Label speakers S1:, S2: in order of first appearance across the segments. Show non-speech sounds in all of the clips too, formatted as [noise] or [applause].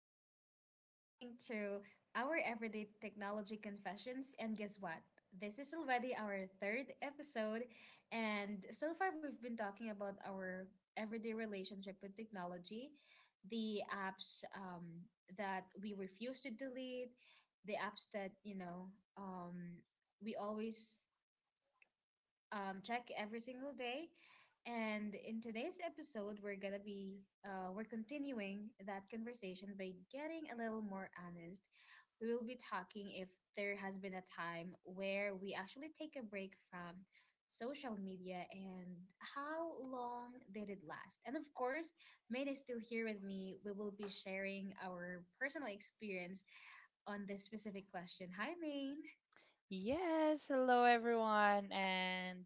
S1: Welcome. You're listening to our Everyday Technology Confessions, and guess what? This is already our third episode, and so far we've been talking about our everyday relationship with technology, the apps that we refuse to delete, the apps that, um, we always check every single day. And in today's episode, we're gonna be we're continuing that conversation by getting a little more honest. We will be talking if there has been a time where we actually take a break from social media and how long did it last. And of course, Maine is still here with me. We will be sharing our personal experience on this specific question. Hi, Maine.
S2: Yes, hello everyone, and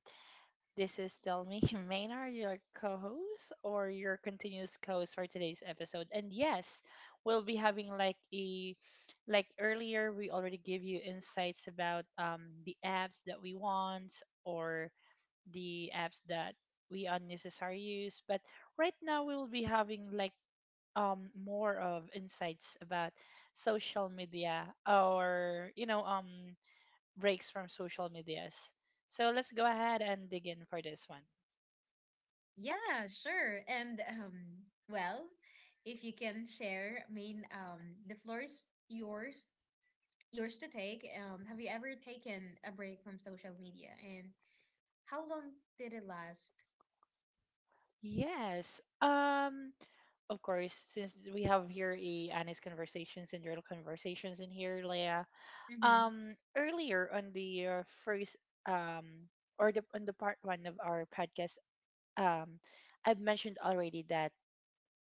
S2: this is Tell Me [laughs] Maynard, your co-host or your continuous co-host for today's episode. And yes, we'll be having like earlier we already give you insights about the apps that we want or the apps that we unnecessarily use. But right now we will be having like more of insights about social media or breaks from social medias. So let's go ahead and dig in for this one.
S1: Yeah, sure. And well, if you can share, I mean, the floor is yours to take. Have you ever taken a break from social media, and how long did it last?
S2: Yes. Of course, since we have here a honest conversations and real conversations in here, Leia.
S1: Mm-hmm.
S2: Earlier on the first um or the on the part 1 of our podcast, um I've mentioned already that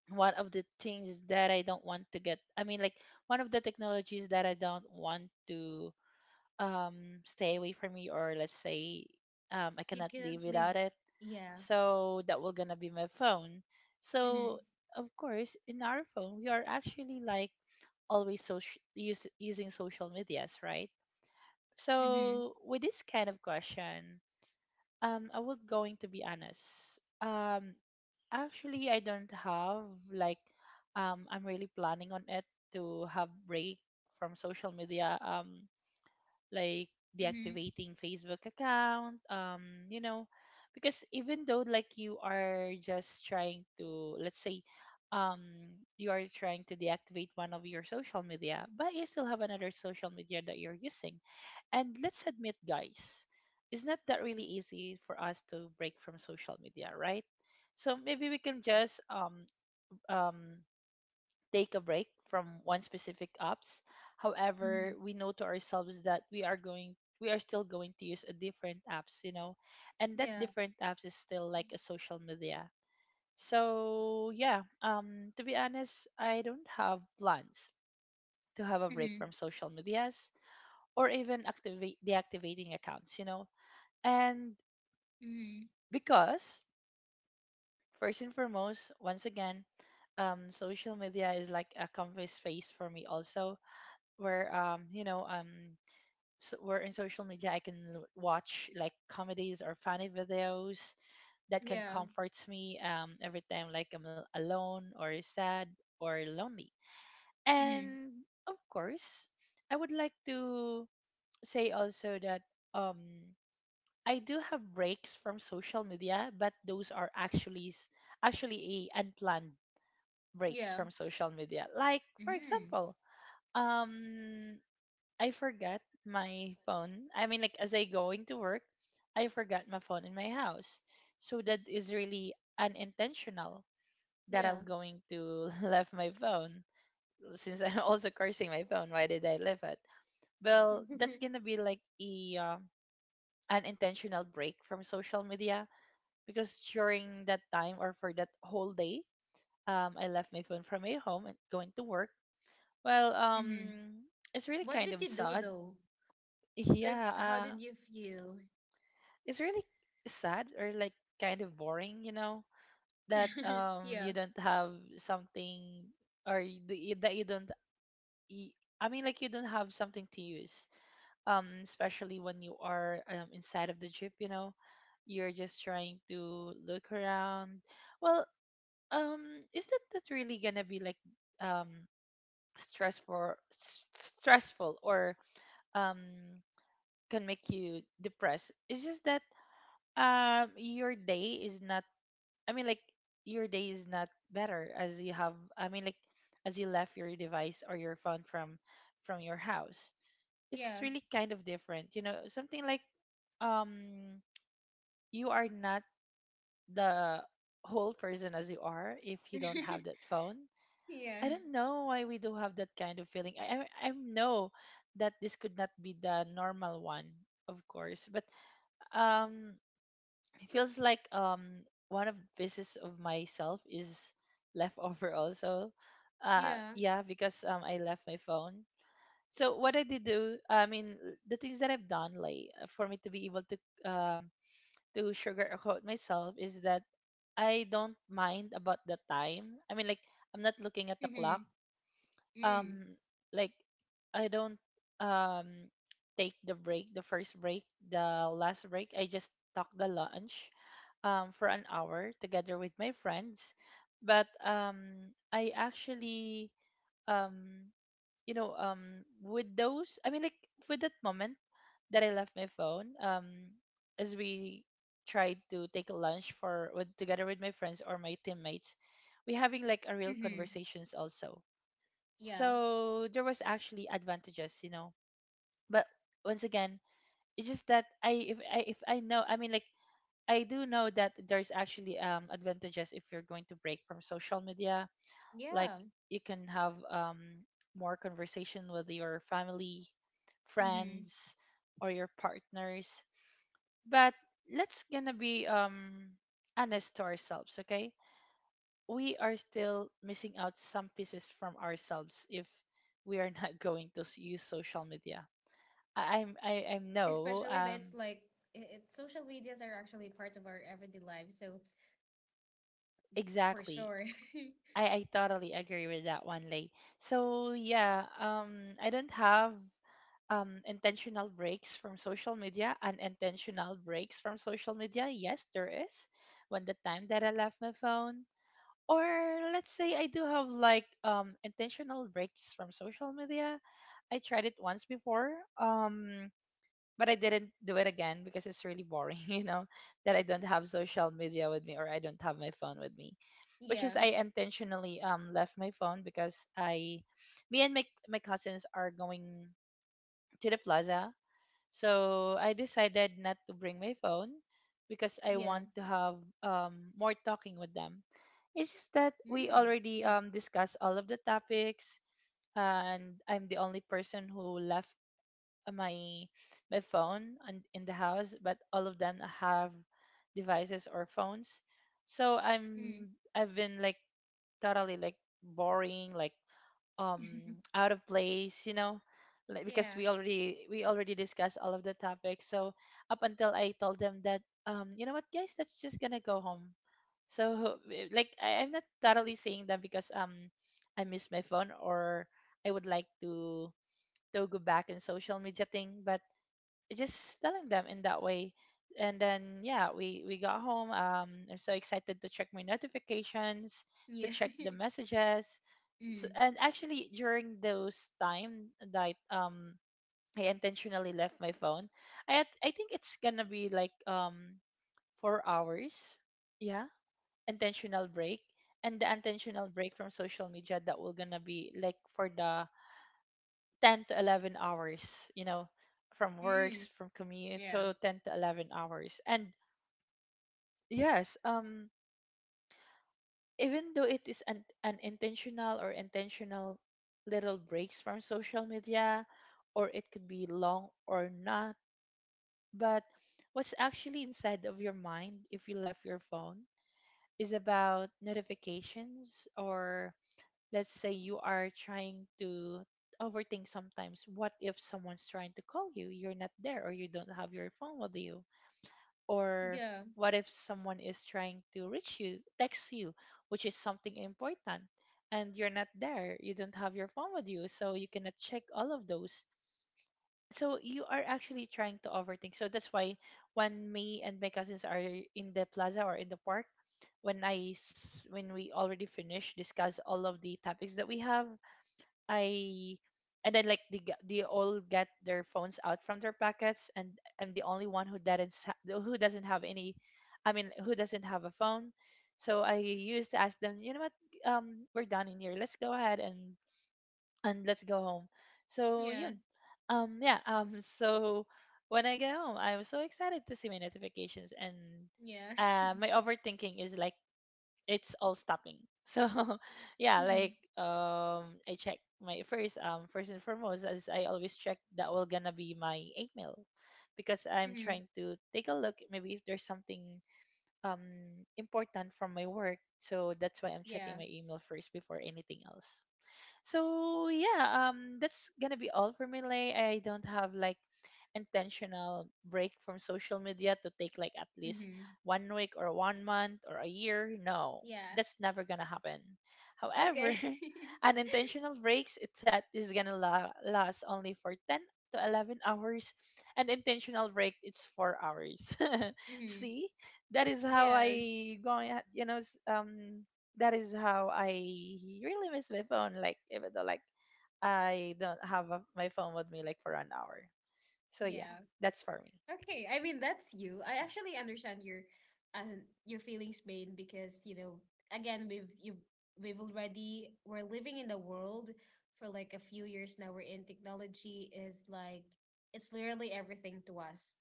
S2: one of the things that I don't want to get, I mean like one of the technologies that I don't want to um stay away from me or let's say I
S1: You
S2: cannot live
S1: couldn't live.
S2: without it.
S1: Yeah.
S2: So that will gonna be my phone.
S1: Mm-hmm.
S2: So of course in our phone we are actually like always social use, using social medias, right?
S1: Mm-hmm.
S2: So with this kind of question, I would going to be honest. Actually I don't have like I'm really planning on it to have break from social media. Like
S1: Mm-hmm.
S2: deactivating Facebook account, you know, because even though like you are just trying to, let's say, um, you are trying to deactivate one of your social media, but you still have another social media that you're using. And let's admit, guys, it's not that really easy for us to break from social media, right? So maybe we can just um take a break from one specific apps.
S1: Mm-hmm.
S2: However, we know to ourselves that we are going we are still going to use a different apps, you know. And that
S1: Yeah.
S2: different apps is still like a social media. So yeah, to be honest, I don't have plans to have a break
S1: Mm-hmm.
S2: from social medias or even activate deactivating accounts, you know. And
S1: Mm-hmm.
S2: because first and foremost, once again, social media is like a comfy space for me also where so where in social media I can watch like comedies or funny videos that can
S1: Yeah.
S2: comfort me every time like I'm alone or sad or lonely. And
S1: Mm-hmm.
S2: of course, I would like to say also that um I do have breaks from social media, but those are actually actually a unplanned breaks
S1: Yeah.
S2: from social media. Like for
S1: Mm-hmm.
S2: example, um I forgot my phone. I mean, like as I going to work, I forgot my phone in my house. So that is really unintentional that
S1: Yeah.
S2: I'm going to [laughs] left my phone since I'm also cursing my phone. Why did I leave it? Well, that's
S1: [laughs]
S2: gonna be like a unintentional break from social media because during that time or for that whole day, I left my phone from my home and going to work. Well,
S1: Mm-hmm.
S2: it's
S1: What
S2: really
S1: did you
S2: kind of
S1: do
S2: sad.
S1: though?
S2: [laughs]
S1: Like,
S2: Yeah,
S1: how did you feel?
S2: it's really sad or like kind of boring, you know, that
S1: [laughs] Yeah.
S2: you don't have something or that you don't y- I mean like you don't have something to use. Especially when you are inside of the jeep, you know, you're just trying to look around. Well, um is that that really going to be like um stressful stressful or um can make you depressed? It's just that your day is not, I mean, like your day is not better as you have. I mean, like as you left your device or your phone from your house. It's
S1: Yeah.
S2: really kind of different, you know. Something like um, you are not the whole person as you are if you don't have
S1: [laughs]
S2: that phone.
S1: Yeah.
S2: I don't know why we do have that kind of feeling. I know that this could not be the normal one, of course, but um, it feels like one of pieces of myself is left [laughs] over also,
S1: Yeah.
S2: yeah, because I left my phone. So what I did do, I mean the things that I've done, like for me to be able um to sugarcoat myself is that I don't mind about the time, I mean like I'm not looking at the clock,
S1: Mhm. Mm.
S2: um like I don't um take the break, the first break, the last break. I just talk the lunch for an hour together with my friends. But I actually, um with those, I mean like with that moment that I left my phone, as we tried to take a lunch for with together with my friends or my teammates, we having like a real
S1: Mhm.
S2: conversations also,
S1: Yeah.
S2: so there was actually advantages, you know. But once again, it's just that I, if I, if I know, I mean like I do know that there's actually advantages if you're going to break from social media, like
S1: Yeah.
S2: you can have more conversation with your family,
S1: Mhm.
S2: friends or your partners. But let's gonna be honest to ourselves, okay, we are still missing out some pieces from ourselves if we are [laughs] not going to use social media. I'm, I no,
S1: Especially that it's like social medias are actually part of our everyday lives, so for
S2: exactly.
S1: sure. [laughs]
S2: I totally agree with that one, Lay. So yeah, I don't have intentional breaks from social media, unintentional breaks from social media. Yes, there is. When the time that I left my phone, or let's say I do have like intentional breaks from social media. I tried it once before, but I didn't do it again because it's really boring, [laughs] you know, that I don't have social media with me or I don't have my phone with me. Which is
S1: Yeah.
S2: I intentionally left my phone because I, me and my cousins are going to the plaza. So I decided not to bring my phone because I
S1: Yeah.
S2: want to have more talking with them. It's just that
S1: Mm.
S2: we
S1: Yeah.
S2: already discussed all of the topics, and I'm the only person who left uh, my my phone and in the house, but all of them have devices or phones. So
S1: Mm.
S2: I'm, I've been like totally like boring, like um
S1: [laughs]
S2: out of place, you know, like, because
S1: Yeah.
S2: we already discussed all of the topics. So up until I told them that, you know what guys, let's just gonna go home. So [laughs] like I, I'm not totally saying that because I miss my phone or I would like to go back in social media thing, but just telling them in that way, and then yeah, we got home. I'm so excited to check my notifications, to
S1: Yeah.
S2: check the
S1: [laughs]
S2: messages. So,
S1: Mm.
S2: and actually during those time that I intentionally left my phone, I had, I think it's gonna be like 4 hours, yeah, intentional break. And the intentional break from social media that will gonna be like for the 10 to 11 hours, you know, from
S1: Mm.
S2: works, from commute,
S1: Yeah.
S2: so 10 to 11 hours. And yes, even though it is an unintentional or intentional little breaks from social media or it could be long or not, but what's actually inside of your mind if you left your phone is about notifications, or let's say you are trying to overthink sometimes, what if someone's trying to call you, you're not there or you don't have your phone with you, or
S1: Yeah.
S2: what if someone is trying to reach you, text you, which is something important, and you're not there? You don't have your phone with you, so you cannot check all of those. So you are actually trying to overthink. So that's why when me and my cousins are in the plaza or in the park, when I when we already finish discuss all of the topics that we have, I, and then like they they all get their phones out from their pockets, and I'm the only one who doesn't who doesn't have any, I mean who doesn't have a phone. So I used to ask them, you know what, we're done in here. Let's go ahead and let's go home. So
S1: Yeah.
S2: yun, yeah, [laughs] so when I get home, I'm so excited to see my notifications, and
S1: Yeah. [laughs]
S2: my overthinking is like it's all stopping. So [laughs] yeah,
S1: Mhm.
S2: like I check my first, first and foremost as I always check that will gonna be my email, because I'm
S1: Mhm.
S2: trying to take a look maybe if there's something um important from my work. So that's why I'm
S1: Yeah.
S2: checking my email first before anything else. So yeah, that's gonna be all for me, Lay. I don't have like intentional break from social media to take like at least
S1: Mhm.
S2: one week or one month or a year. No,
S1: Yeah.
S2: that's never gonna happen. However, [laughs]
S1: Okay.
S2: unintentional breaks it that is gonna last only for 10 to 11 hours, and intentional break it's 4 hours. [laughs]
S1: [laughs] Mhm.
S2: See, that is how
S1: Yeah.
S2: I going. That is how I really miss my phone. Like even though like I don't have my phone with me like for an hour. So yeah,
S1: Yeah.
S2: that's for me.
S1: Okay, I mean that's you. I actually understand your feelings, Bane, because again, we've you we've already we're living in the world for like a few years now. We're in technology is like it's literally everything to us.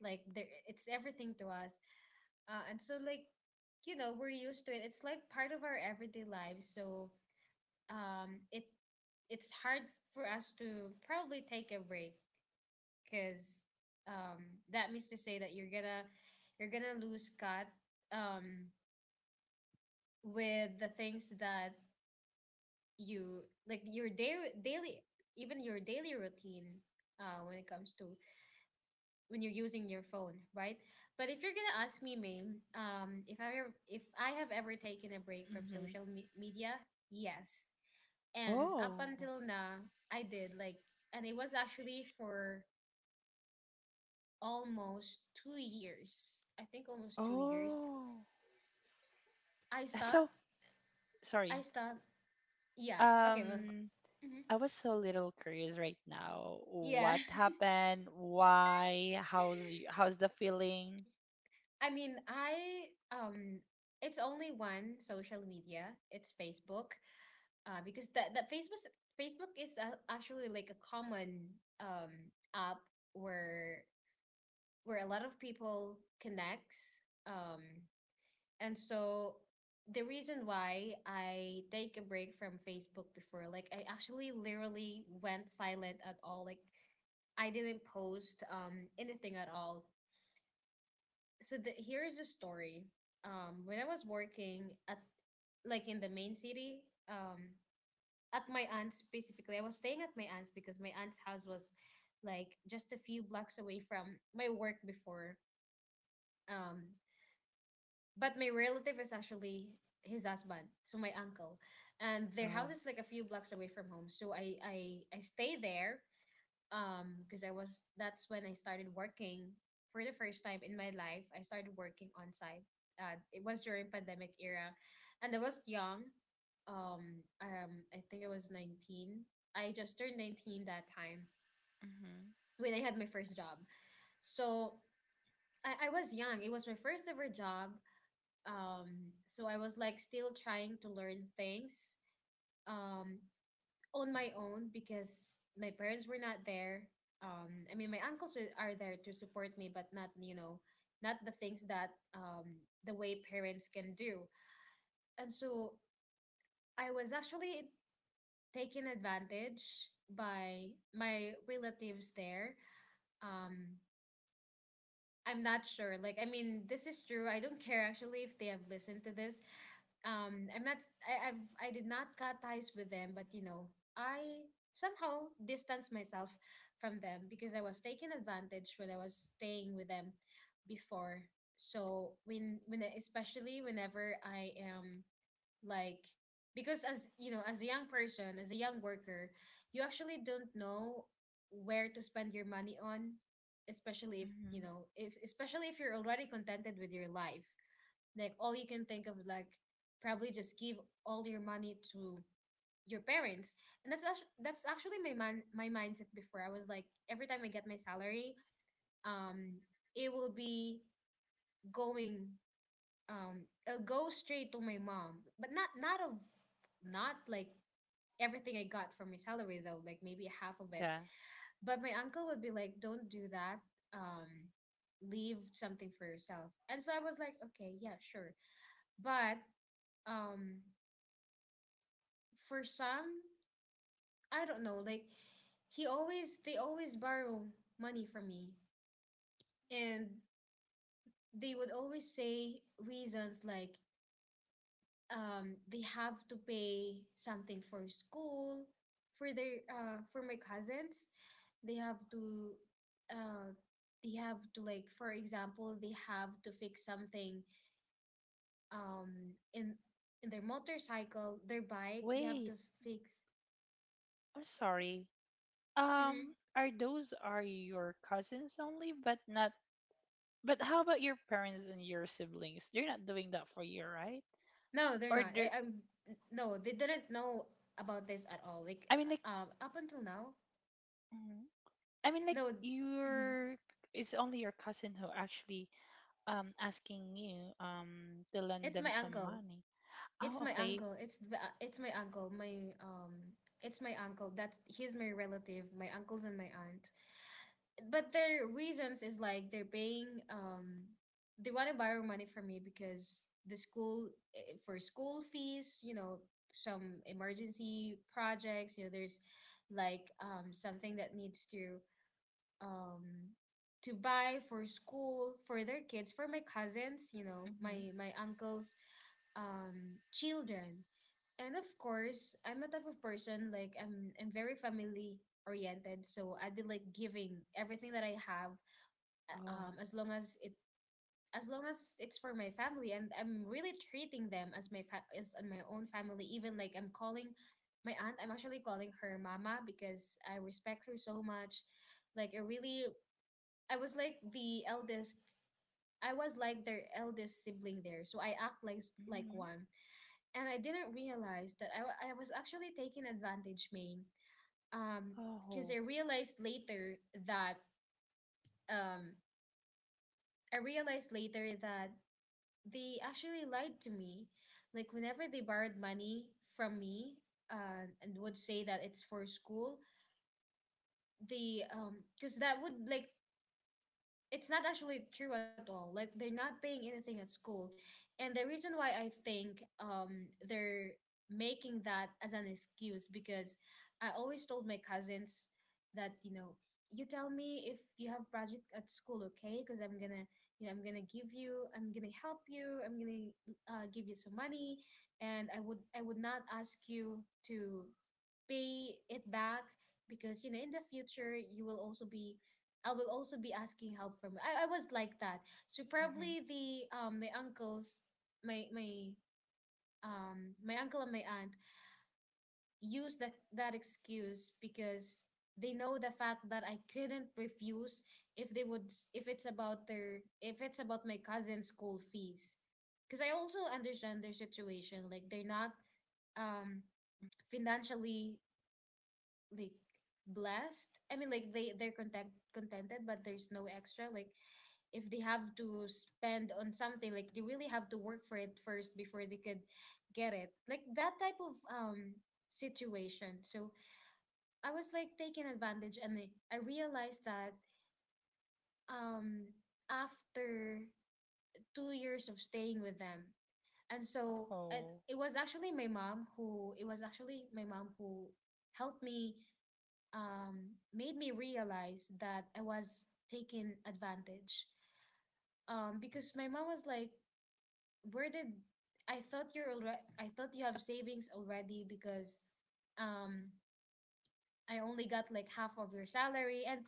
S1: Like there, it's everything to us. And so like, we're used to it. It's like part of our everyday lives. So um, it it's hard for us to probably take a break because um, that means to say that you're gonna lose cut um, with the things that you like your daily daily even your daily routine when it comes to when you're using your phone, right? But if you're gonna ask me, main if I have ever taken a break from
S2: Hmm.
S1: social media, yes. And up
S2: Oh,
S1: until now, I did, like, and it was actually for almost 2 years. I think almost 2 years.
S2: oh,
S1: I
S2: that's
S1: stopped.
S2: so
S1: I
S2: sorry.
S1: stopped. Yeah. Okay. Well.
S2: Um,
S1: Mhm.
S2: I was so little curious right now.
S1: Yeah.
S2: What happened? Why? How's the feeling?
S1: [laughs] I mean, I it's only one social media. It's Facebook. Because that Facebook is actually like a common um app where where a lot of people connects. Um, And so the reason why I take a break from Facebook before, like, I actually literally went silent at all. Like, I didn't post anything at all. So here is the story. When I was working at like in the main city, um, at my aunt's specifically. I was staying at my aunt's because my aunt's house was like just a few blocks away from my work before. Um, but my relative is actually his husband, so my uncle, and their house
S2: Oh,
S1: is like a few blocks away from home. So I stay there because I was that's when I started working for the first time in my life. I started working on site. It was during pandemic era, and I was young. I think I was 19. I just turned 19 that time
S2: mm-hmm,
S1: when I had my first job. So I was young. It was my first ever job, so I was like still trying to learn things, um on my own, because my parents were not there. I mean, my uncles are there to support me, but not, not the things that, the way parents can do. And so I was actually taken advantage by my relatives there. um I'm not sure. Like, I mean, this is true. I don't care actually if they have listened to this. I'm not. I, I've. I did not cut ties with them, but, I somehow distanced myself from them because I was taken advantage when I was staying with them before. So especially whenever I am, like, because as you know, as a young person, as a young worker, you actually don't know where to spend your money on, especially if,
S2: mm-hmm.
S1: especially if you're already contented with your life, like all you can think of is like probably just give all your money to your parents. And that's actually my mindset before. I was like, every time I get my salary, um it will be going it'll go straight to my mom, but not not of not like everything I got from my salary though, like maybe half of it.
S2: Yeah.
S1: But my uncle would be like, "Don't do that, um leave something for yourself." And so I was like, okay, yeah, sure. But um for some I don't know, like, he always they always borrow money from me. And they would always say reasons like, they have to pay something for school, for their for my cousins. They have to, uh, like, for example, they have to fix something, in their motorcycle, their bike. They have to
S2: Wait,
S1: fix.
S2: I'm sorry.
S1: Hmm.
S2: Are those are your cousins only, but not. But how about your parents and your siblings? They're not doing that for you, right?
S1: No, they're
S2: Or
S1: not. I,
S2: they're,
S1: I'm No, they didn't know about this at all, like,
S2: I mean, like,
S1: up until now.
S2: mhm. I mean, like,
S1: No. Mhm.
S2: your, it's only your cousin who actually asking you to lend
S1: It's
S2: them
S1: my
S2: some
S1: uncle.
S2: money.
S1: It's
S2: Oh,
S1: my
S2: okay.
S1: uncle. It's my uncle. My it's my uncle. That he's my relative. My uncles and my aunt. But their reasons is like, they want to borrow money from me, because for school fees, some emergency projects. You know, there's like something that needs um to buy for school, for their kids, for my cousins. You know,
S2: Mm-hmm.
S1: my uncles children. And of course, I'm the type of person, like, I'm very family oriented, so I'd be like giving everything that I have, uh,
S2: Oh.
S1: um, as long as it as long as it's for my family, and I'm really treating them as my as on my own family. Even like I'm calling my aunt, I'm actually calling her mama because I respect her so much. Like, I was like the eldest. I was like their eldest sibling there, so I act like
S2: Mm-hmm.
S1: one. And I didn't realize that I was actually taking advantage, Maine. Um, because
S2: Oh.
S1: I realized later that, um, I realized later that they actually lied to me. Like whenever they borrowed money from me, and would say that it's for school, they because that would like it's not actually true at all. Like they're not paying anything at school. And the reason why I think they're making that as an excuse, because I always told my cousins that, you tell me if you have project at school, okay? Because I'm gonna give you, I'm gonna help you, I'm gonna give you some money, and I would not ask you to pay it back because in the future you will also be I will also be asking help from. I was like that. So
S2: Mm-hmm.
S1: probably the my uncles my my my uncle and my aunt use that excuse because they know the fact that I couldn't refuse if they would s- if it's about their if it's about my cousin's school fees.
S2: Oh,
S1: Because
S2: yeah.
S1: I also understand their situation. Like they're not,
S2: Mm-hmm.
S1: um financially, like, blessed. I mean, like, they they're content contented, but there's no extra. Like, if they have to spend on something, like, they really have to work for it first before they could get it, like that type of situation. So I was like taken advantage, and I realized that um after 2 years of staying with them. And so
S2: Oh.
S1: it was actually my mom who helped me, made me realize that I was taken advantage. Because my mom was like, "Where did I thought you're already? I thought you have savings already because, um, I only got like half of your salary." And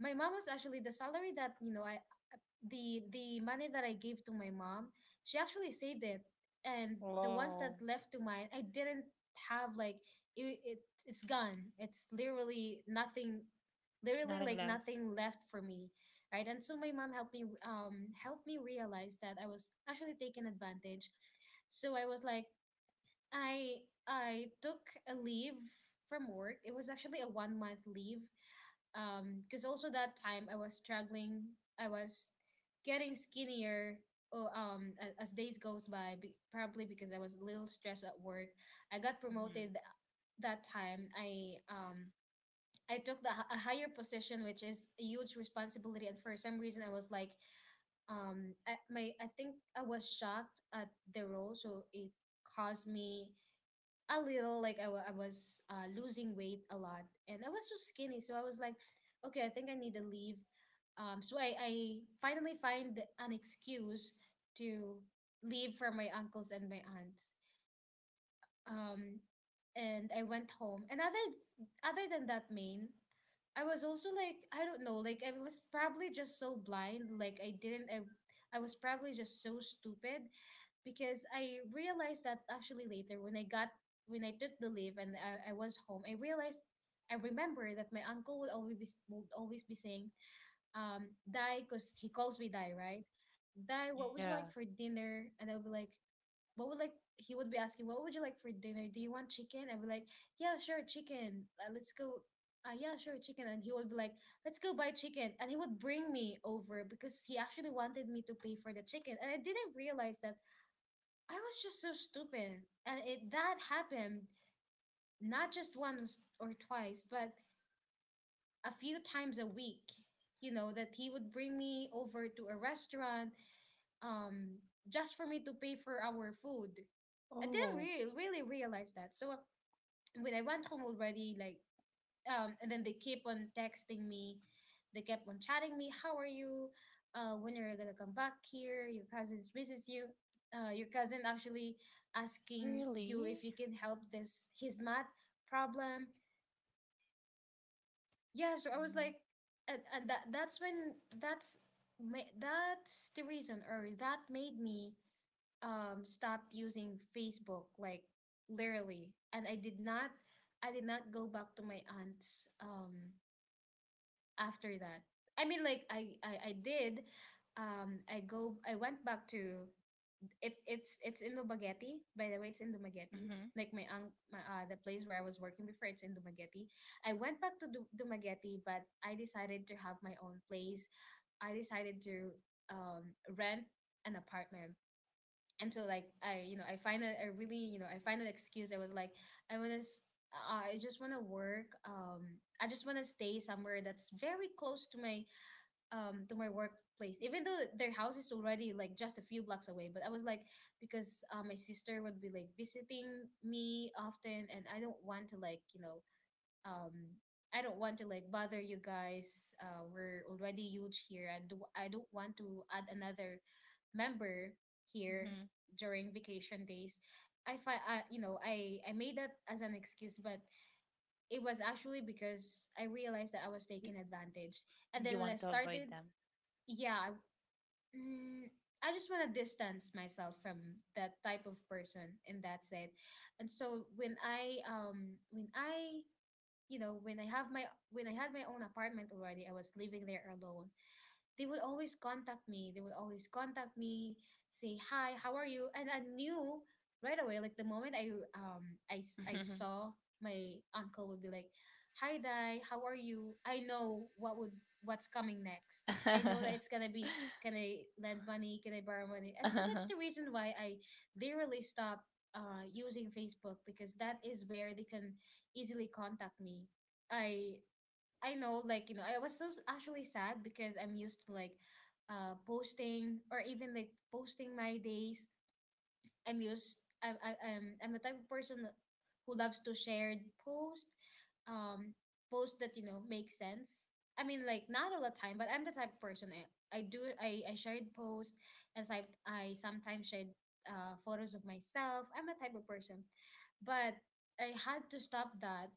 S1: my mom was actually the money that I gave to my mom, she actually saved it, and the ones
S2: Wow.
S1: that left to mine, I didn't have, like, it, it it's gone. It's literally nothing, literally
S2: Nothing
S1: like
S2: left.
S1: nothing left for me, right? And so my mom helped me, helped me realize that I was actually taken advantage. So I was like, I I took a leave from work. It was actually a one month leave. Because also that time I was struggling. I was getting skinnier. As days goes by, probably because I was a little stressed at work. I got
S2: Mm-hmm.
S1: promoted that time. I took a higher position, which is a huge responsibility. And for some reason, I was like, I, my I think I was shocked at the role, so it caused me a little like I was losing weight a lot, and I was so skinny, so I was like, okay, I think I need to leave. I finally find an excuse to leave for my uncles and my aunts, um, and I went home. And other than that, main, I was also like, I don't know, like I was probably just so blind. Like I didn't. I was probably just so stupid because I realized that actually later when I got when I took the leave and I was home, I realized. I remember that my uncle would always be saying, "Dai," because he calls me Dai, right? Dai, what would
S2: Yeah.
S1: you like for dinner? And I'll be like, what would like he would be asking, what would you like for dinner, do you want chicken? I'd be like, yeah, sure, chicken let's go yeah, sure, chicken. And he would be like, let's go buy chicken. And he would bring me over because he actually wanted me to pay for the chicken, and I didn't realize that. I was just so stupid. And it that happened not just once or twice, but a few times a week, you know, that he would bring me over to a restaurant, um just for me to pay for our food. I didn't
S2: Oh,
S1: really realize that. So when I went home already, like, and then they keep on texting me, they kept on chatting me. How are you? When are you gonna come back here? Your cousins misses you. Your cousin actually asking you
S2: really?
S1: if you can help this his math problem. Yeah, so I was
S2: Mm-hmm.
S1: like, and that's when that's that's the reason, or that made me stopped using Facebook, like, literally. And I did not go back to my aunt's after that. I mean, like, I did, um, I went back to. It's in Dumaguete, by the way, it's in Dumaguete.
S2: Mm-hmm.
S1: Like my aunt, my, the place where I was working before, it's in Dumaguete. I went back to Dumaguete, but I decided to have my own place. I decided to rent an apartment. And so, like, I, you know, I find a really, you know, I find an excuse. I was like, I want to, I just want to work, um, I just want to stay somewhere that's very close to my workplace, even though their house is already like just a few blocks away. But I was like, because, my sister would be like visiting me often, and I don't want to, like, you know, um, I don't want to, like, bother you guys. We're already huge here, and I don't want to add another member here
S2: Mm-hmm.
S1: during vacation days. I find, you know, I made that as an excuse, but it was actually because I realized that I was
S2: You,
S1: taking advantage. And then
S2: you
S1: when I
S2: want to avoid
S1: started,
S2: them.
S1: yeah, mm, I just want to distance myself from that type of person, and that's it. And so when I when I, you know, when I had my own apartment already, I was living there alone. They would always contact me. They would always contact me, say hi, how are you? And I knew right away, like the moment I
S2: Mhm.
S1: saw my uncle would be like, hi Dai, how are you? I know what would what's coming next. I know that
S2: [laughs]
S1: it's gonna be, can I lend money, can I borrow money? And so that's
S2: Uh-huh.
S1: the reason why I literally stopped using Facebook, because that is where they can easily contact me. I I know, like, you know, I was actually sad because I'm used to, like, posting, or even like posting my days. I'm used. I, I, I'm the type of person who loves to share post, um, post that, you know, make sense. I mean, like, not all the time, but I'm the type of person, I shared post, as I sometimes shared, photos of myself. I'm the type of person, but I had to stop that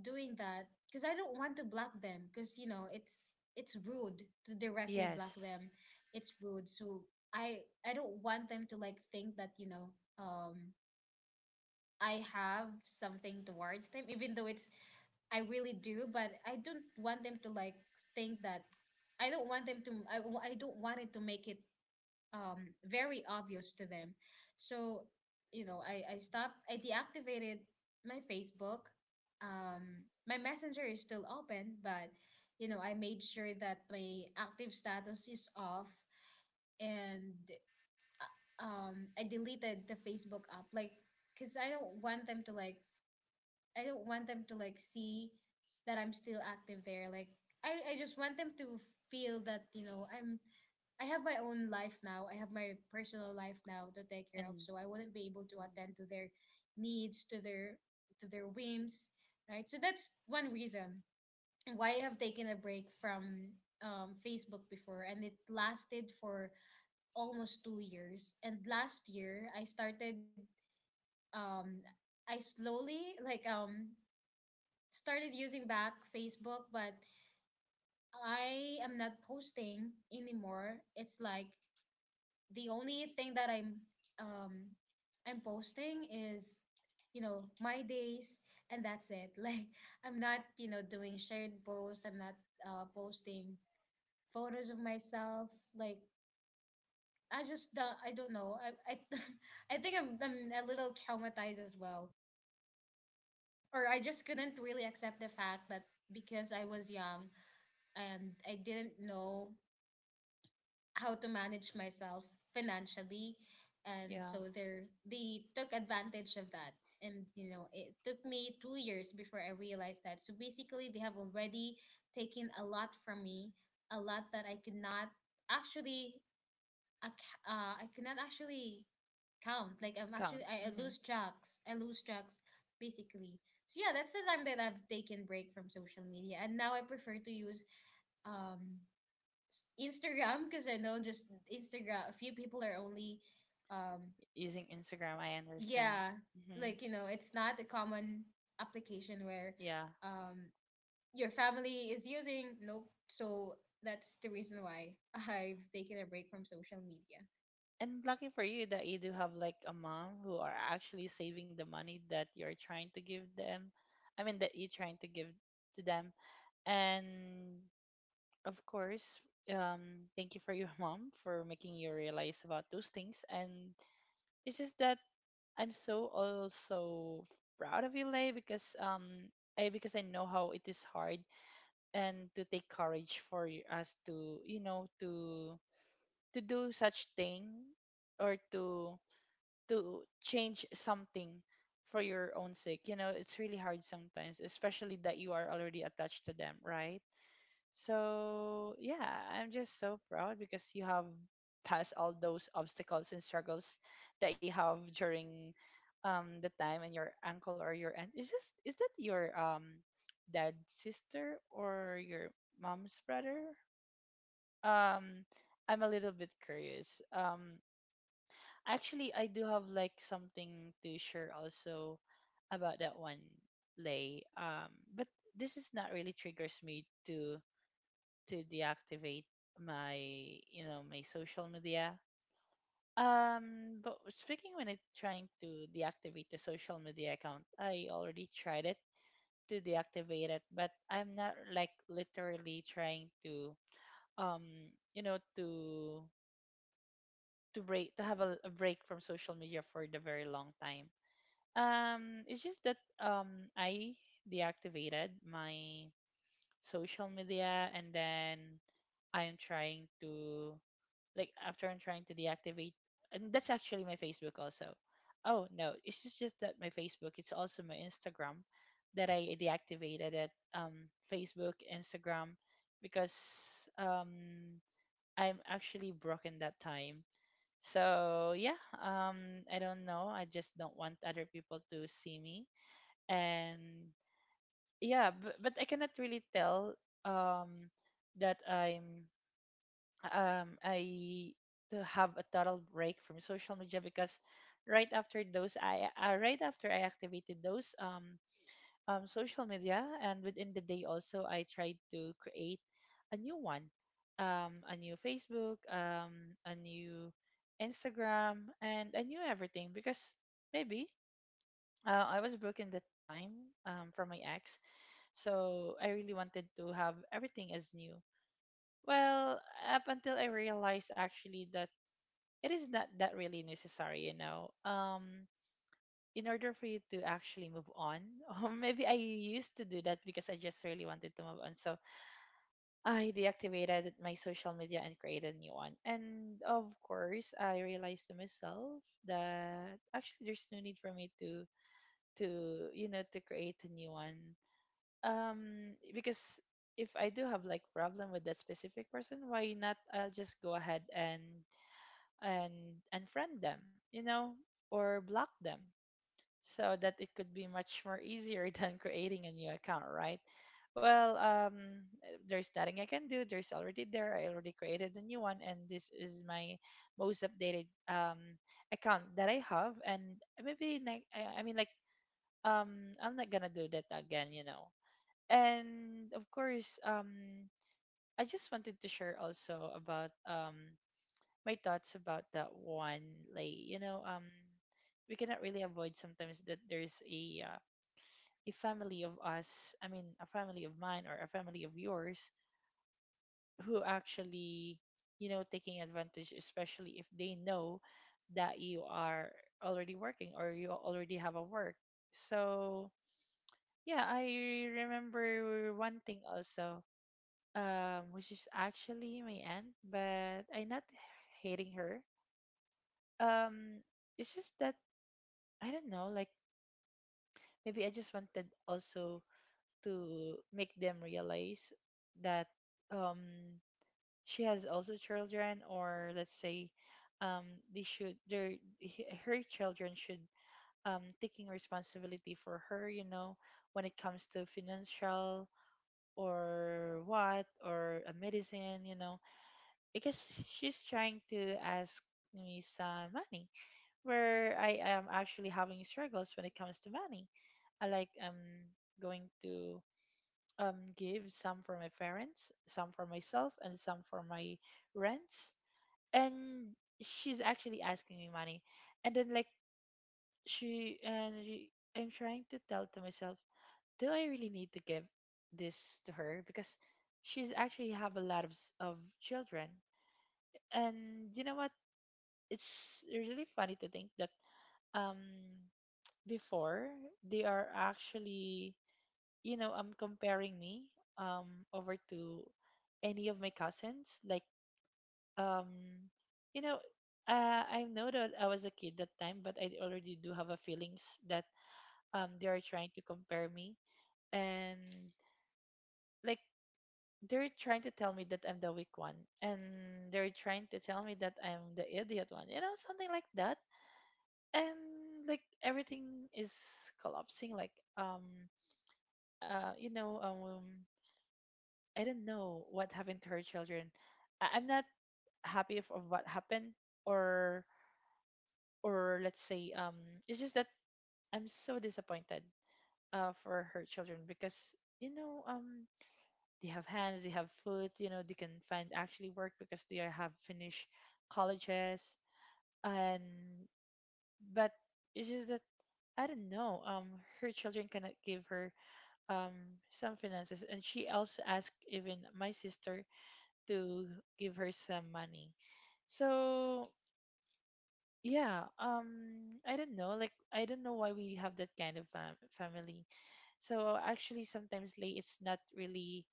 S1: doing that, because I don't want to block them, because, you know, it's rude to directly block
S2: Yes.
S1: them. It's rude. So I don't want them to, like, think that, you know, um, I have something towards them, even though it's, I really do, but I don't want them to, like, think that. I don't want it to make it very obvious to them. So, you know, I deactivated my Facebook, um, my messenger is still open, but, you know, I made sure that my active status is off. And I deleted the Facebook app, like, cuz I don't want them to, like, see that I'm still active there. Like, I just want them to feel that, you know, I have my own life now, I have my personal life now to take care of,
S2: And
S1: so I wouldn't be able to
S2: mhm.
S1: attend to their needs, to their whims, right? So that's one reason why I have taken a break from, Facebook before, and it lasted for almost 2 years. And last year, I started, um, I slowly like started using back Facebook, but
S2: Yeah,
S1: I am not posting anymore. It's like the only thing that um I'm posting is, you know, my days, and that's it. [laughs] Like, I'm not, you know, doing shared posts. I'm not, posting photos of myself. Like, I just don't, I don't know. [laughs] I think I'm a little traumatized as well. Or I just couldn't really accept the fact that, because I was young and I didn't know how to manage myself financially, and
S2: yeah,
S1: so they took advantage of that. And you know, it took me 2 years before I realized that. So basically, they have already taken a lot from me, a lot that I could not actually, I cannot actually count. Like, I'm actually,
S2: count.
S1: I
S2: Hmm.
S1: lose tracks. I lose tracks, basically. So yeah, that's the time that I've taken break from social media, and now I prefer to use um Instagram, because I know just Instagram. A few people are only, um,
S2: Using Instagram, I understand.
S1: yeah,
S2: Hmm.
S1: like, you know, it's not a common application where,
S2: Yeah.
S1: um, your family is using. Nope. So that's the reason why [laughs] I've taken a break from social media,
S2: And lucky for you that you do have like a mom who are actually saving the money that you're trying to give
S1: because
S2: them. I mean, that you're trying to give
S1: um
S2: to them.
S1: she saw me like,
S2: And
S1: you know,
S2: of course,
S1: she's what do you
S2: thank you
S1: call
S2: for
S1: this,
S2: your [laughs] mom for making you realize about those things. And it's just that I'm so
S1: um,
S2: also
S1: I was
S2: proud of
S1: not,
S2: you,
S1: you
S2: Lay,
S1: know, I was
S2: because
S1: not looking healthy at
S2: I know
S1: all.
S2: how it is hard
S1: And
S2: and to take courage for
S1: and so
S2: us
S1: she asked
S2: to you
S1: me,
S2: know
S1: like,
S2: to
S1: what else
S2: to
S1: did
S2: do
S1: I
S2: such
S1: do
S2: thing
S1: with my money, what
S2: or
S1: else did I
S2: to
S1: spend my money on,
S2: to change
S1: um, and
S2: something
S1: so I was like,
S2: for your own
S1: that's when,
S2: sake. You know,
S1: you know,
S2: it's
S1: I
S2: really
S1: admit
S2: hard
S1: to her
S2: sometimes,
S1: that
S2: especially that you are
S1: um
S2: already attached to them, right?
S1: I gave my
S2: So
S1: uncle
S2: yeah,
S1: or I
S2: I'm
S1: lent
S2: just
S1: I
S2: so
S1: let I
S2: proud
S1: lent
S2: because you
S1: money,
S2: have passed
S1: um,
S2: all
S1: I lent
S2: those
S1: my uncle
S2: obstacles and
S1: money,
S2: struggles that you have
S1: and
S2: during
S1: you know, I helped my
S2: the time, and
S1: cousins.
S2: your uncle or your aunt
S1: And so she
S2: is
S1: was
S2: that
S1: like,
S2: your
S1: "You're being taken
S2: dad's
S1: advantage.
S2: sister or your mom's brother? Um I'm a little bit curious. Actually, I do have like something to share also about that one, Lay. But this is not really triggers me to deactivate my my social media, but speaking when it trying to deactivate the social media account, I already tried it to deactivate it, but I'm not like literally trying um you know to to break, to have a break from social media for the very long time. It's just that I deactivated my social media, and then I'm trying to, like, after I'm trying to deactivate, and that's actually my Facebook also. Oh no, it's just, that my Facebook. It's also my Instagram that I deactivated at Facebook, Instagram, because I'm actually broken that time. So yeah, I don't know. I just don't want other people to see me, and yeah, but I cannot really tell um that I'm I to have a total break from social media, because right after those I right after I activated those social media, and within the day also, I tried to create a new one, a new Facebook, a new Instagram, and a new everything. Because maybe I was broken that time, from my ex, so I really wanted to have everything as new. Well, up until I realized actually that it is not that really necessary. In order for you to actually move on, [laughs] or maybe I used to do that because I just really wanted to move on. So I deactivated my social media and created a new one. And of course, I realized to myself that actually there's no need for me to you know to create a new one. Because if I do have like problem with that specific person, why not? I'll just go ahead and unfriend them, or block them so that it could be much more easier [laughs] than creating a new account, right? Well, there's nothing I can do. There's already there. I already created a new one, and this is my most updated account that I have. And maybe, like, I mean, like, I'm not gonna do that again. And of course, I just wanted to share also about my thoughts about that one, like we cannot really avoid sometimes that there's a family of us. I mean, a family of mine or a family of yours who actually taking advantage, especially if they know that you are already working or you already have a work. So yeah, I remember one thing also, which is actually my aunt, but I not hating her. um it's just that I don't know, like maybe I just wanted also to make them realize that um she has also children, or let's say um they should her children should taking responsibility for her, you know, when it comes to financial or what or a medicine. Because she's trying to ask me some money, where I am actually having struggles when it comes to money. I like going to give some for my parents, some for myself, and some for my rents. And she's actually asking me money, and then like she, I'm trying to tell to myself, do I really need to give this to her? Because she's actually have a lot of children. And you know what? It's really funny to think that um before they are actually comparing me um over to any of my cousins, like um you know I know that I was a kid that time, but I already do have a feelings that they are trying to compare me, and like they're trying to tell me that I'm the weak one, and they're trying to tell me that I'm the idiot one, something like that. And like everything is collapsing like uh, you know, um, I don't know what happened to her children. I'm not happy of what happened, or let's say, it's just that I'm so disappointed, for her children. Because you know, um, they have hands, they have foot, they can find actually work, because they are, have finished colleges, and but it's just that I don't know, her children cannot give her um some finances, and she also asked even my sister to give her some money. So yeah, I don't know. Like, I don't know why we have that kind of family. So actually, sometimes like it's not really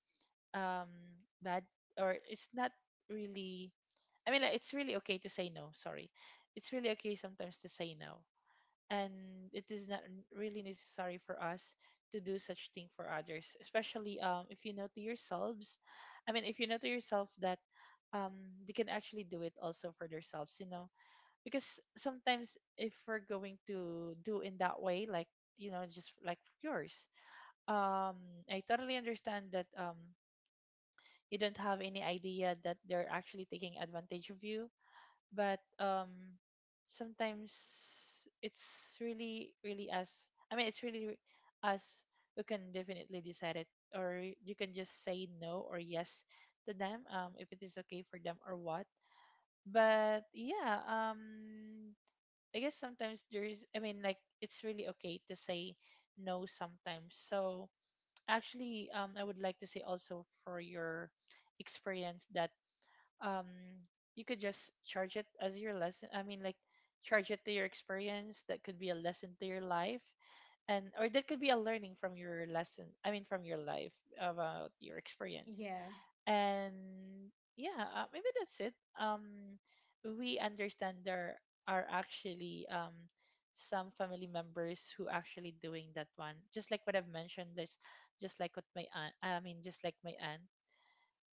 S2: um bad, or it's not really. I mean, like, it's really okay to say no. Sorry, it's really okay sometimes to say no, and it is not really necessary for us to do such thing for others, especially if you know to yourselves. I mean, if you know to yourself that um, they can actually do it also for themselves because sometimes if we're going to do in that way, like just like yours. um, I totally understand that you don't have any idea that they're actually taking advantage of you, but sometimes it's really really us. I mean, it's really us who can definitely decide it. Or you can just say no or yes to them, if it is okay for them or what. But yeah, I guess sometimes there is. I mean, like, it's really okay to say no sometimes. So actually, I would like to say also for your experience that um you could just charge it as your lesson. I mean, like, charge it to your experience, that could be a lesson to your life. And or that could be a learning from your lesson, I mean, from your life about your experience.
S1: Yeah.
S2: And yeah, maybe that's it. um we understand there are actually some family members who actually doing that one, just like what I've mentioned, there's just like what my aunt. I mean, just like my aunt.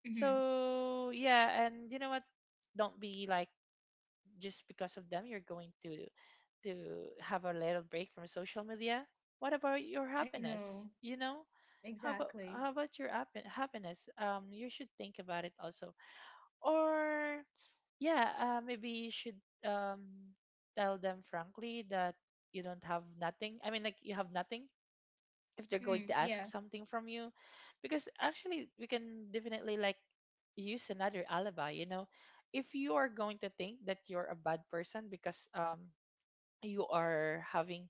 S1: Mm-hmm.
S2: So yeah, and you know what? Don't be like just because of them you're going to have a little break from social media. What about your
S1: I know.
S2: happiness? You know, how about
S1: Exactly.
S2: how about your happen happiness? You should think about it also. Or yeah, maybe you should um tell them frankly that you don't have nothing. I mean, like you have nothing if they're
S1: Mm,
S2: going to
S1: yeah.
S2: ask something from you because actually we can definitely like use another alibi if you are going to think that you're a bad person because you are having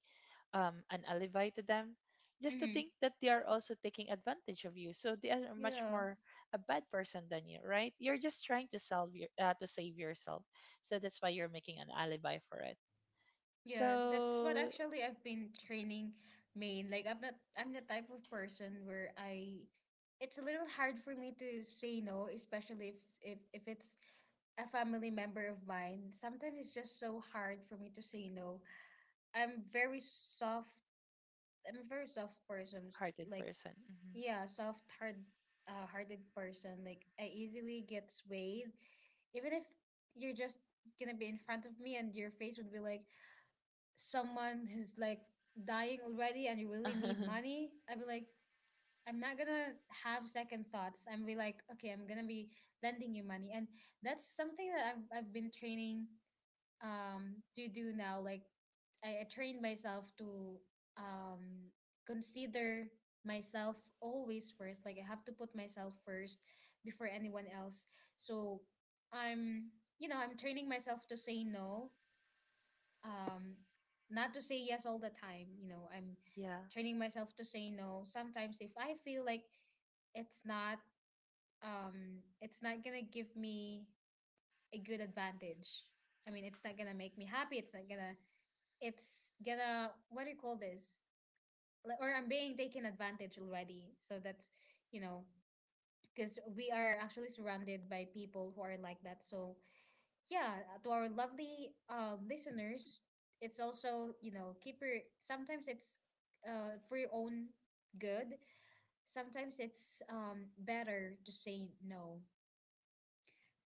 S2: an alibi to them, just to
S1: Mm-hmm.
S2: think that they are also taking advantage of you, so they are much
S1: Yeah.
S2: more a bad person than you, right? You're just trying to solve your to save yourself, so that's why you're making an alibi for it.
S1: Yeah, that's what
S2: So
S1: actually I've been training, main. Like, I'm not I'm the type of person where I it's a little hard for me to say no, especially if it's a family member of mine. Sometimes it's just so hard for me to say no. I'm very soft. I'm a very soft person.
S2: hearted
S1: Like,
S2: person. Hmm.
S1: yeah, soft hard hearted person. Like, I easily get swayed. Even if you're just gonna be in front of me, and your face would be like someone who's like dying already and you really need money, I'd be like, I'm not gonna have second thoughts. I'm be like, okay, I'm gonna be lending you money. And that's something that I've been training to do now. Like I trained myself to um consider myself always first. Like I have to put myself first before anyone else, so I'm, I'm training myself to say no, um not to say yes all the time, I'm
S2: [laughs] Yeah.
S1: training myself to say no sometimes if I feel like it's not, it's not gonna give me a good advantage. I mean, it's not gonna make me happy, it's not gonna, it's gonna, what do you call this? Like, or I'm being taken advantage already, so that's, you know because we are actually surrounded by people who are like that. So yeah, to our lovely listeners, it's also, you know, keep your, sometimes it's for your own good. Sometimes it's better to say no.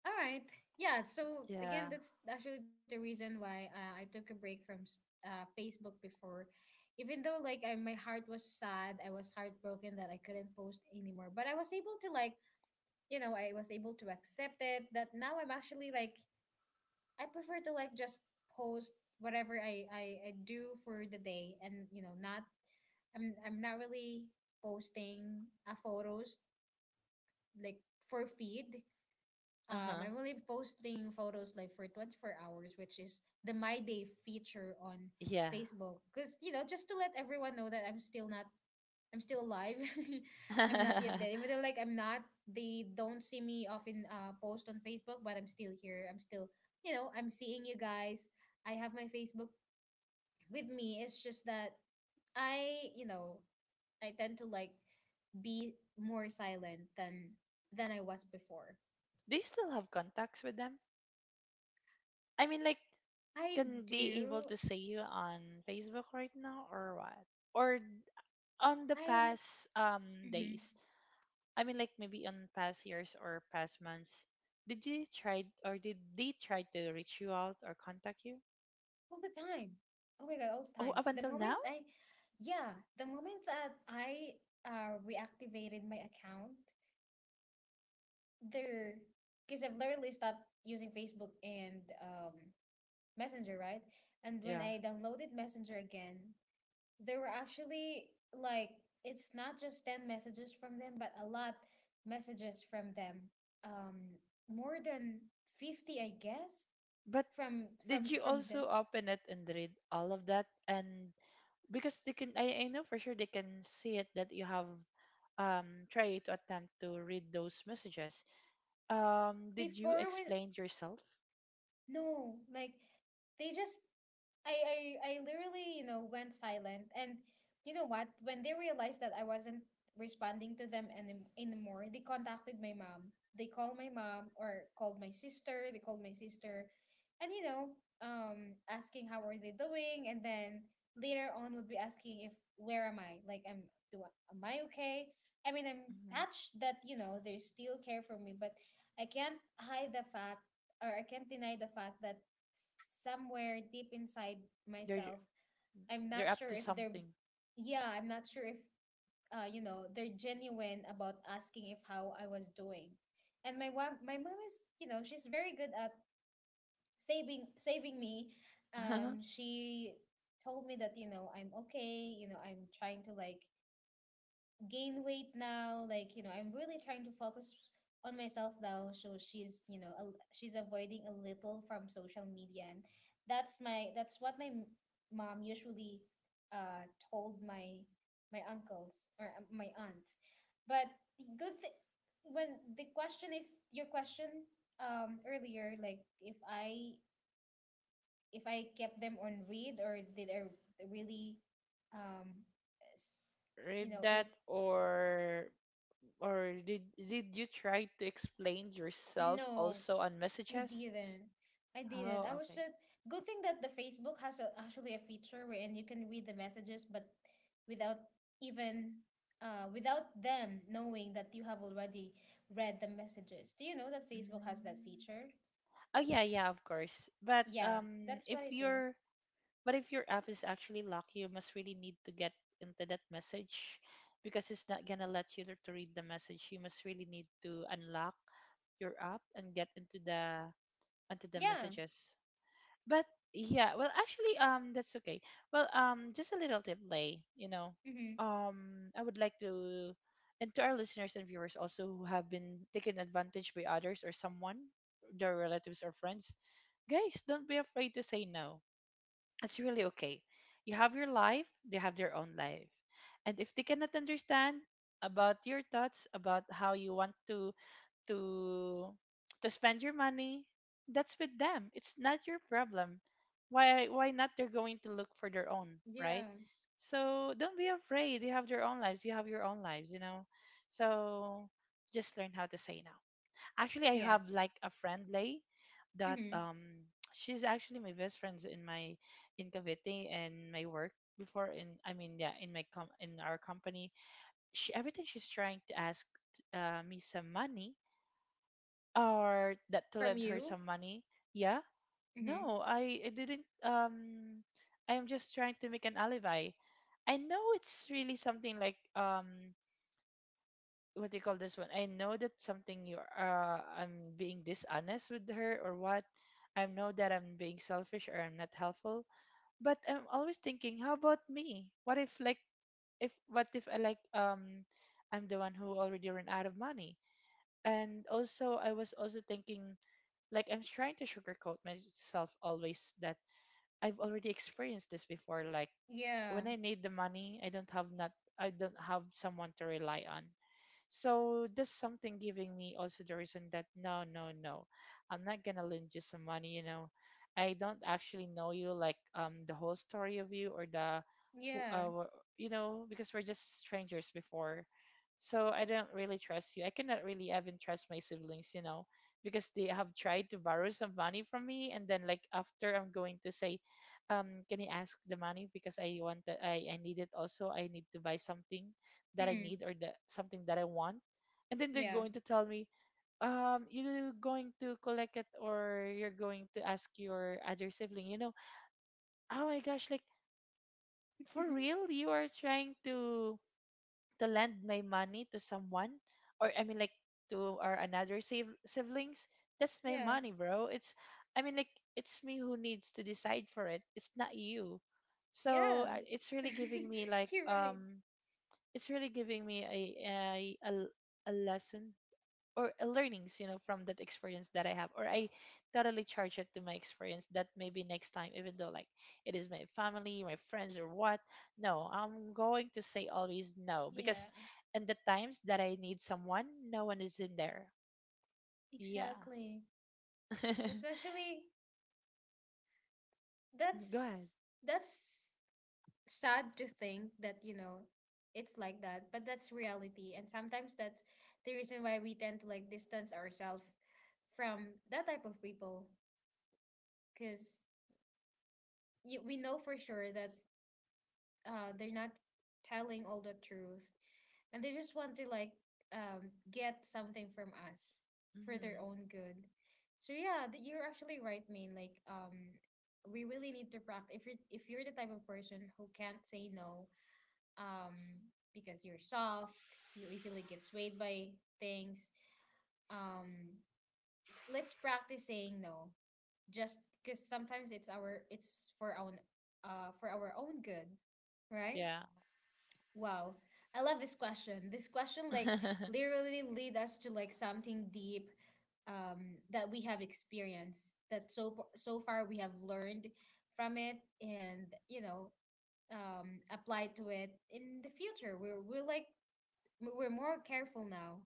S1: All right. Yeah. So
S2: Yeah.
S1: again, that's actually the reason why I took a break from Facebook before, even though like I, my heart was sad, I was heartbroken that I couldn't post anymore. But I was able to like, you know, I was able to accept it. That now I'm actually like, I prefer to like just post whatever I do for the day, and you know, not, I'm not really posting photos like for feed.
S2: Uh-huh.
S1: I'm only posting photos like for 24 hours, which is the My Day feature on
S2: Yeah.
S1: Facebook. Because, you know, just to let everyone know that I'm still not, I'm still alive. [laughs] I'm not yet
S2: [laughs] Do
S1: dead. Even though, like, I'm not, they don't see me often post on Facebook, but I'm still here. I'm still, you know, I'm seeing you guys. I have my Facebook with me. It's just that I, you know, I tend to like be more silent than I was before.
S2: you still have contacts with them? I mean, like,
S1: I
S2: can they able
S1: do.
S2: to see you on Facebook right now or what? Or on the
S1: I
S2: past
S1: hmm
S2: days? I mean, like maybe on past years or past months. Did they try or did they try to reach you out or contact you?
S1: all the time. Oh my God, all the
S2: Oh,
S1: time.
S2: up
S1: The
S2: until now?
S1: moment I, yeah, the moment that I reactivated my account, there, because I've literally stopped using Facebook and Messenger, right? And when
S2: Yeah.
S1: I downloaded Messenger again, there were actually like, it's not just 10 messages from them, but a lot messages from them. Um, more than 50, I guess,
S2: But
S1: from
S2: did
S1: from
S2: you
S1: from them
S2: also open it and read all of that? And because they can, I know for sure they can see it that you have try to attempt to read those messages. Did you
S1: before when.
S2: explain yourself?
S1: No, like they just, I literally, you know, went silent. And you know what? When they realized that I wasn't responding to them any, anymore, they contacted my mom. They called my mom or called my sister. They called my sister and you know, asking how are they doing, and then later on would be asking if where am I? Like I'm, do I, am I okay? I mean, I'm
S2: Mm-hmm.
S1: touched that, you know, they still care for me, but I can't hide the fact, or I can't deny the fact that s- somewhere deep inside
S2: They're
S1: myself, I'm
S2: they're
S1: not
S2: up
S1: sure
S2: to
S1: if they're,
S2: something.
S1: yeah, I'm not sure if, you know, they're genuine about asking if how I was doing. And my mom is, you know, she's very good at saving me.
S2: [laughs]
S1: She told me that you know I'm okay. You know, I'm trying to like gain weight now. Like, you know, I'm really trying to focus on myself now. So she's, you know, a, she's avoiding a little from social media. And that's what my mom usually told my, my uncles or my aunt. But the good thing, when the question, if your question earlier, like if I kept them on read or did I really, um, s-
S2: Read
S1: you know, if,
S2: that or did you try to explain yourself
S1: no,
S2: also on
S1: I
S2: messages?
S1: didn't. I didn't. I
S2: Oh,
S1: was
S2: okay.
S1: just, good thing that the Facebook has a, actually a feature wherein you can read the messages, but without even without them knowing that you have already read the messages. Do you know that Facebook has that
S2: Mm.
S1: feature?
S2: Oh yeah, yeah, of course. But
S1: Yeah, that's
S2: if
S1: what I do.
S2: your but if your app is actually locked, you must really need to get into that message because it's not gonna let you to read the message. You must really need to unlock your app and get into the onto the
S1: Yeah.
S2: messages. But yeah, well, actually, that's okay. Well, just a little tip, Lay. You know,
S1: Mm-hmm.
S2: I would like to, and to our listeners and viewers also who have been taken advantage by others or someone, their relatives or friends, guys, don't be afraid to say no. It's really okay. You have your life; they have their own life, and if they cannot understand about your thoughts about how you want to to spend your money, that's with them. It's not your problem. Why not they're going to look for their own, right?
S1: Yeah.
S2: So don't be afraid. They have their own lives. You have your own lives, you know. So just learn how to say no. Actually, I
S1: Yeah.
S2: have like a friend, Lay, that
S1: Mm-hmm.
S2: she's actually my best friends in my in Cavite and my work before in I mean yeah in my com in our company. She everything she's trying to ask me some money or that to
S1: From
S2: lend her
S1: you?
S2: some money. Yeah,
S1: Mm-hmm.
S2: no, I didn't. I am just trying to make an alibi. I know it's really something like what do you call this one? I know that something you I'm being dishonest with her or what. I know that I'm being selfish or I'm not helpful, but I'm always thinking, how about me? What if like if what if I like I'm the one who already ran out of money? And also I was also thinking like I'm trying to sugarcoat myself always that I've already experienced this before, like
S1: Yeah.
S2: when I need the money I don't have not I don't have someone to rely on. So that's something giving me also the reason that no, no, no, I'm not gonna lend you some money. You know, I don't actually know you like the whole story of you or the who
S1: Yeah.
S2: you know because we're just strangers before. So I don't really trust you. I cannot really even trust my siblings, you know, because they have tried to borrow some money from me, and then like after I'm going to say, can you ask the money because I want that I need it also. I need to buy something that I
S1: Mm-hmm.
S2: need or the something that I want, and then they're
S1: Yeah.
S2: going to tell me, you're going to collect it or you're going to ask your other sibling, you know, oh my gosh, like for real, you are trying to lend my money to someone, or I mean like to our another siv- siblings. That's my
S1: Yeah.
S2: money, bro. It's, I mean like it's me who needs to decide for it. It's not you. So
S1: Yeah.
S2: it's really giving me like
S1: [laughs] You're right.
S2: it's really giving me a l- a lesson or a learnings you know from that experience that I have or I totally charge it to my experience that maybe next time even though like it is my family my friends or what, no, I'm going to say always no because
S1: Yeah.
S2: in the times that I need someone no one is in there. Yeah.
S1: Exactly. That's
S2: [laughs]
S1: actually,
S2: Mm, go ahead.
S1: that's that's sad to think that, you know, it's like that, but that's reality. And sometimes that's the reason why we tend to like distance ourselves from that type of people, because we know for sure that they're not telling all the truth and they just want to like get something from us for
S2: Hmm.
S1: their own good. So yeah, you're actually right, Main. Like we really need to practice if you're, if you're the type of person who can't say no, um because you're soft, you easily get swayed by things. um let's practice saying no, just because sometimes it's our, it's for our own good, right?
S2: Yeah.
S1: Wow, I love this question. This question like literally lead us to like something deep, that we have experienced, that so so far we have learned from it, and you know, applied to it in the future. We're like, we're more careful now.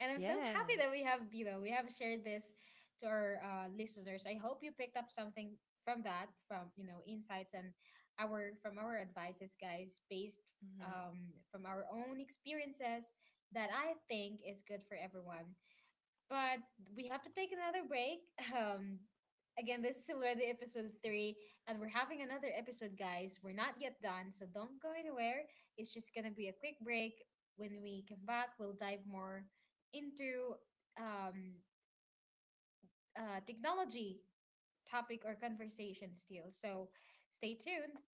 S1: And I'm so happy that we
S2: Yes.
S1: have, you know, we have shared this to our listeners. I hope you picked up something from that, from, you know, insights and our, from our advices, guys, based from our own experiences that I think is good for everyone. But we have to take another break. Again, this is already episode 3, and we're having another episode, guys. We're not yet done, so don't go anywhere. It's just gonna be a quick break. When we come back, we'll dive more into um, technology topic or conversation still. So stay tuned.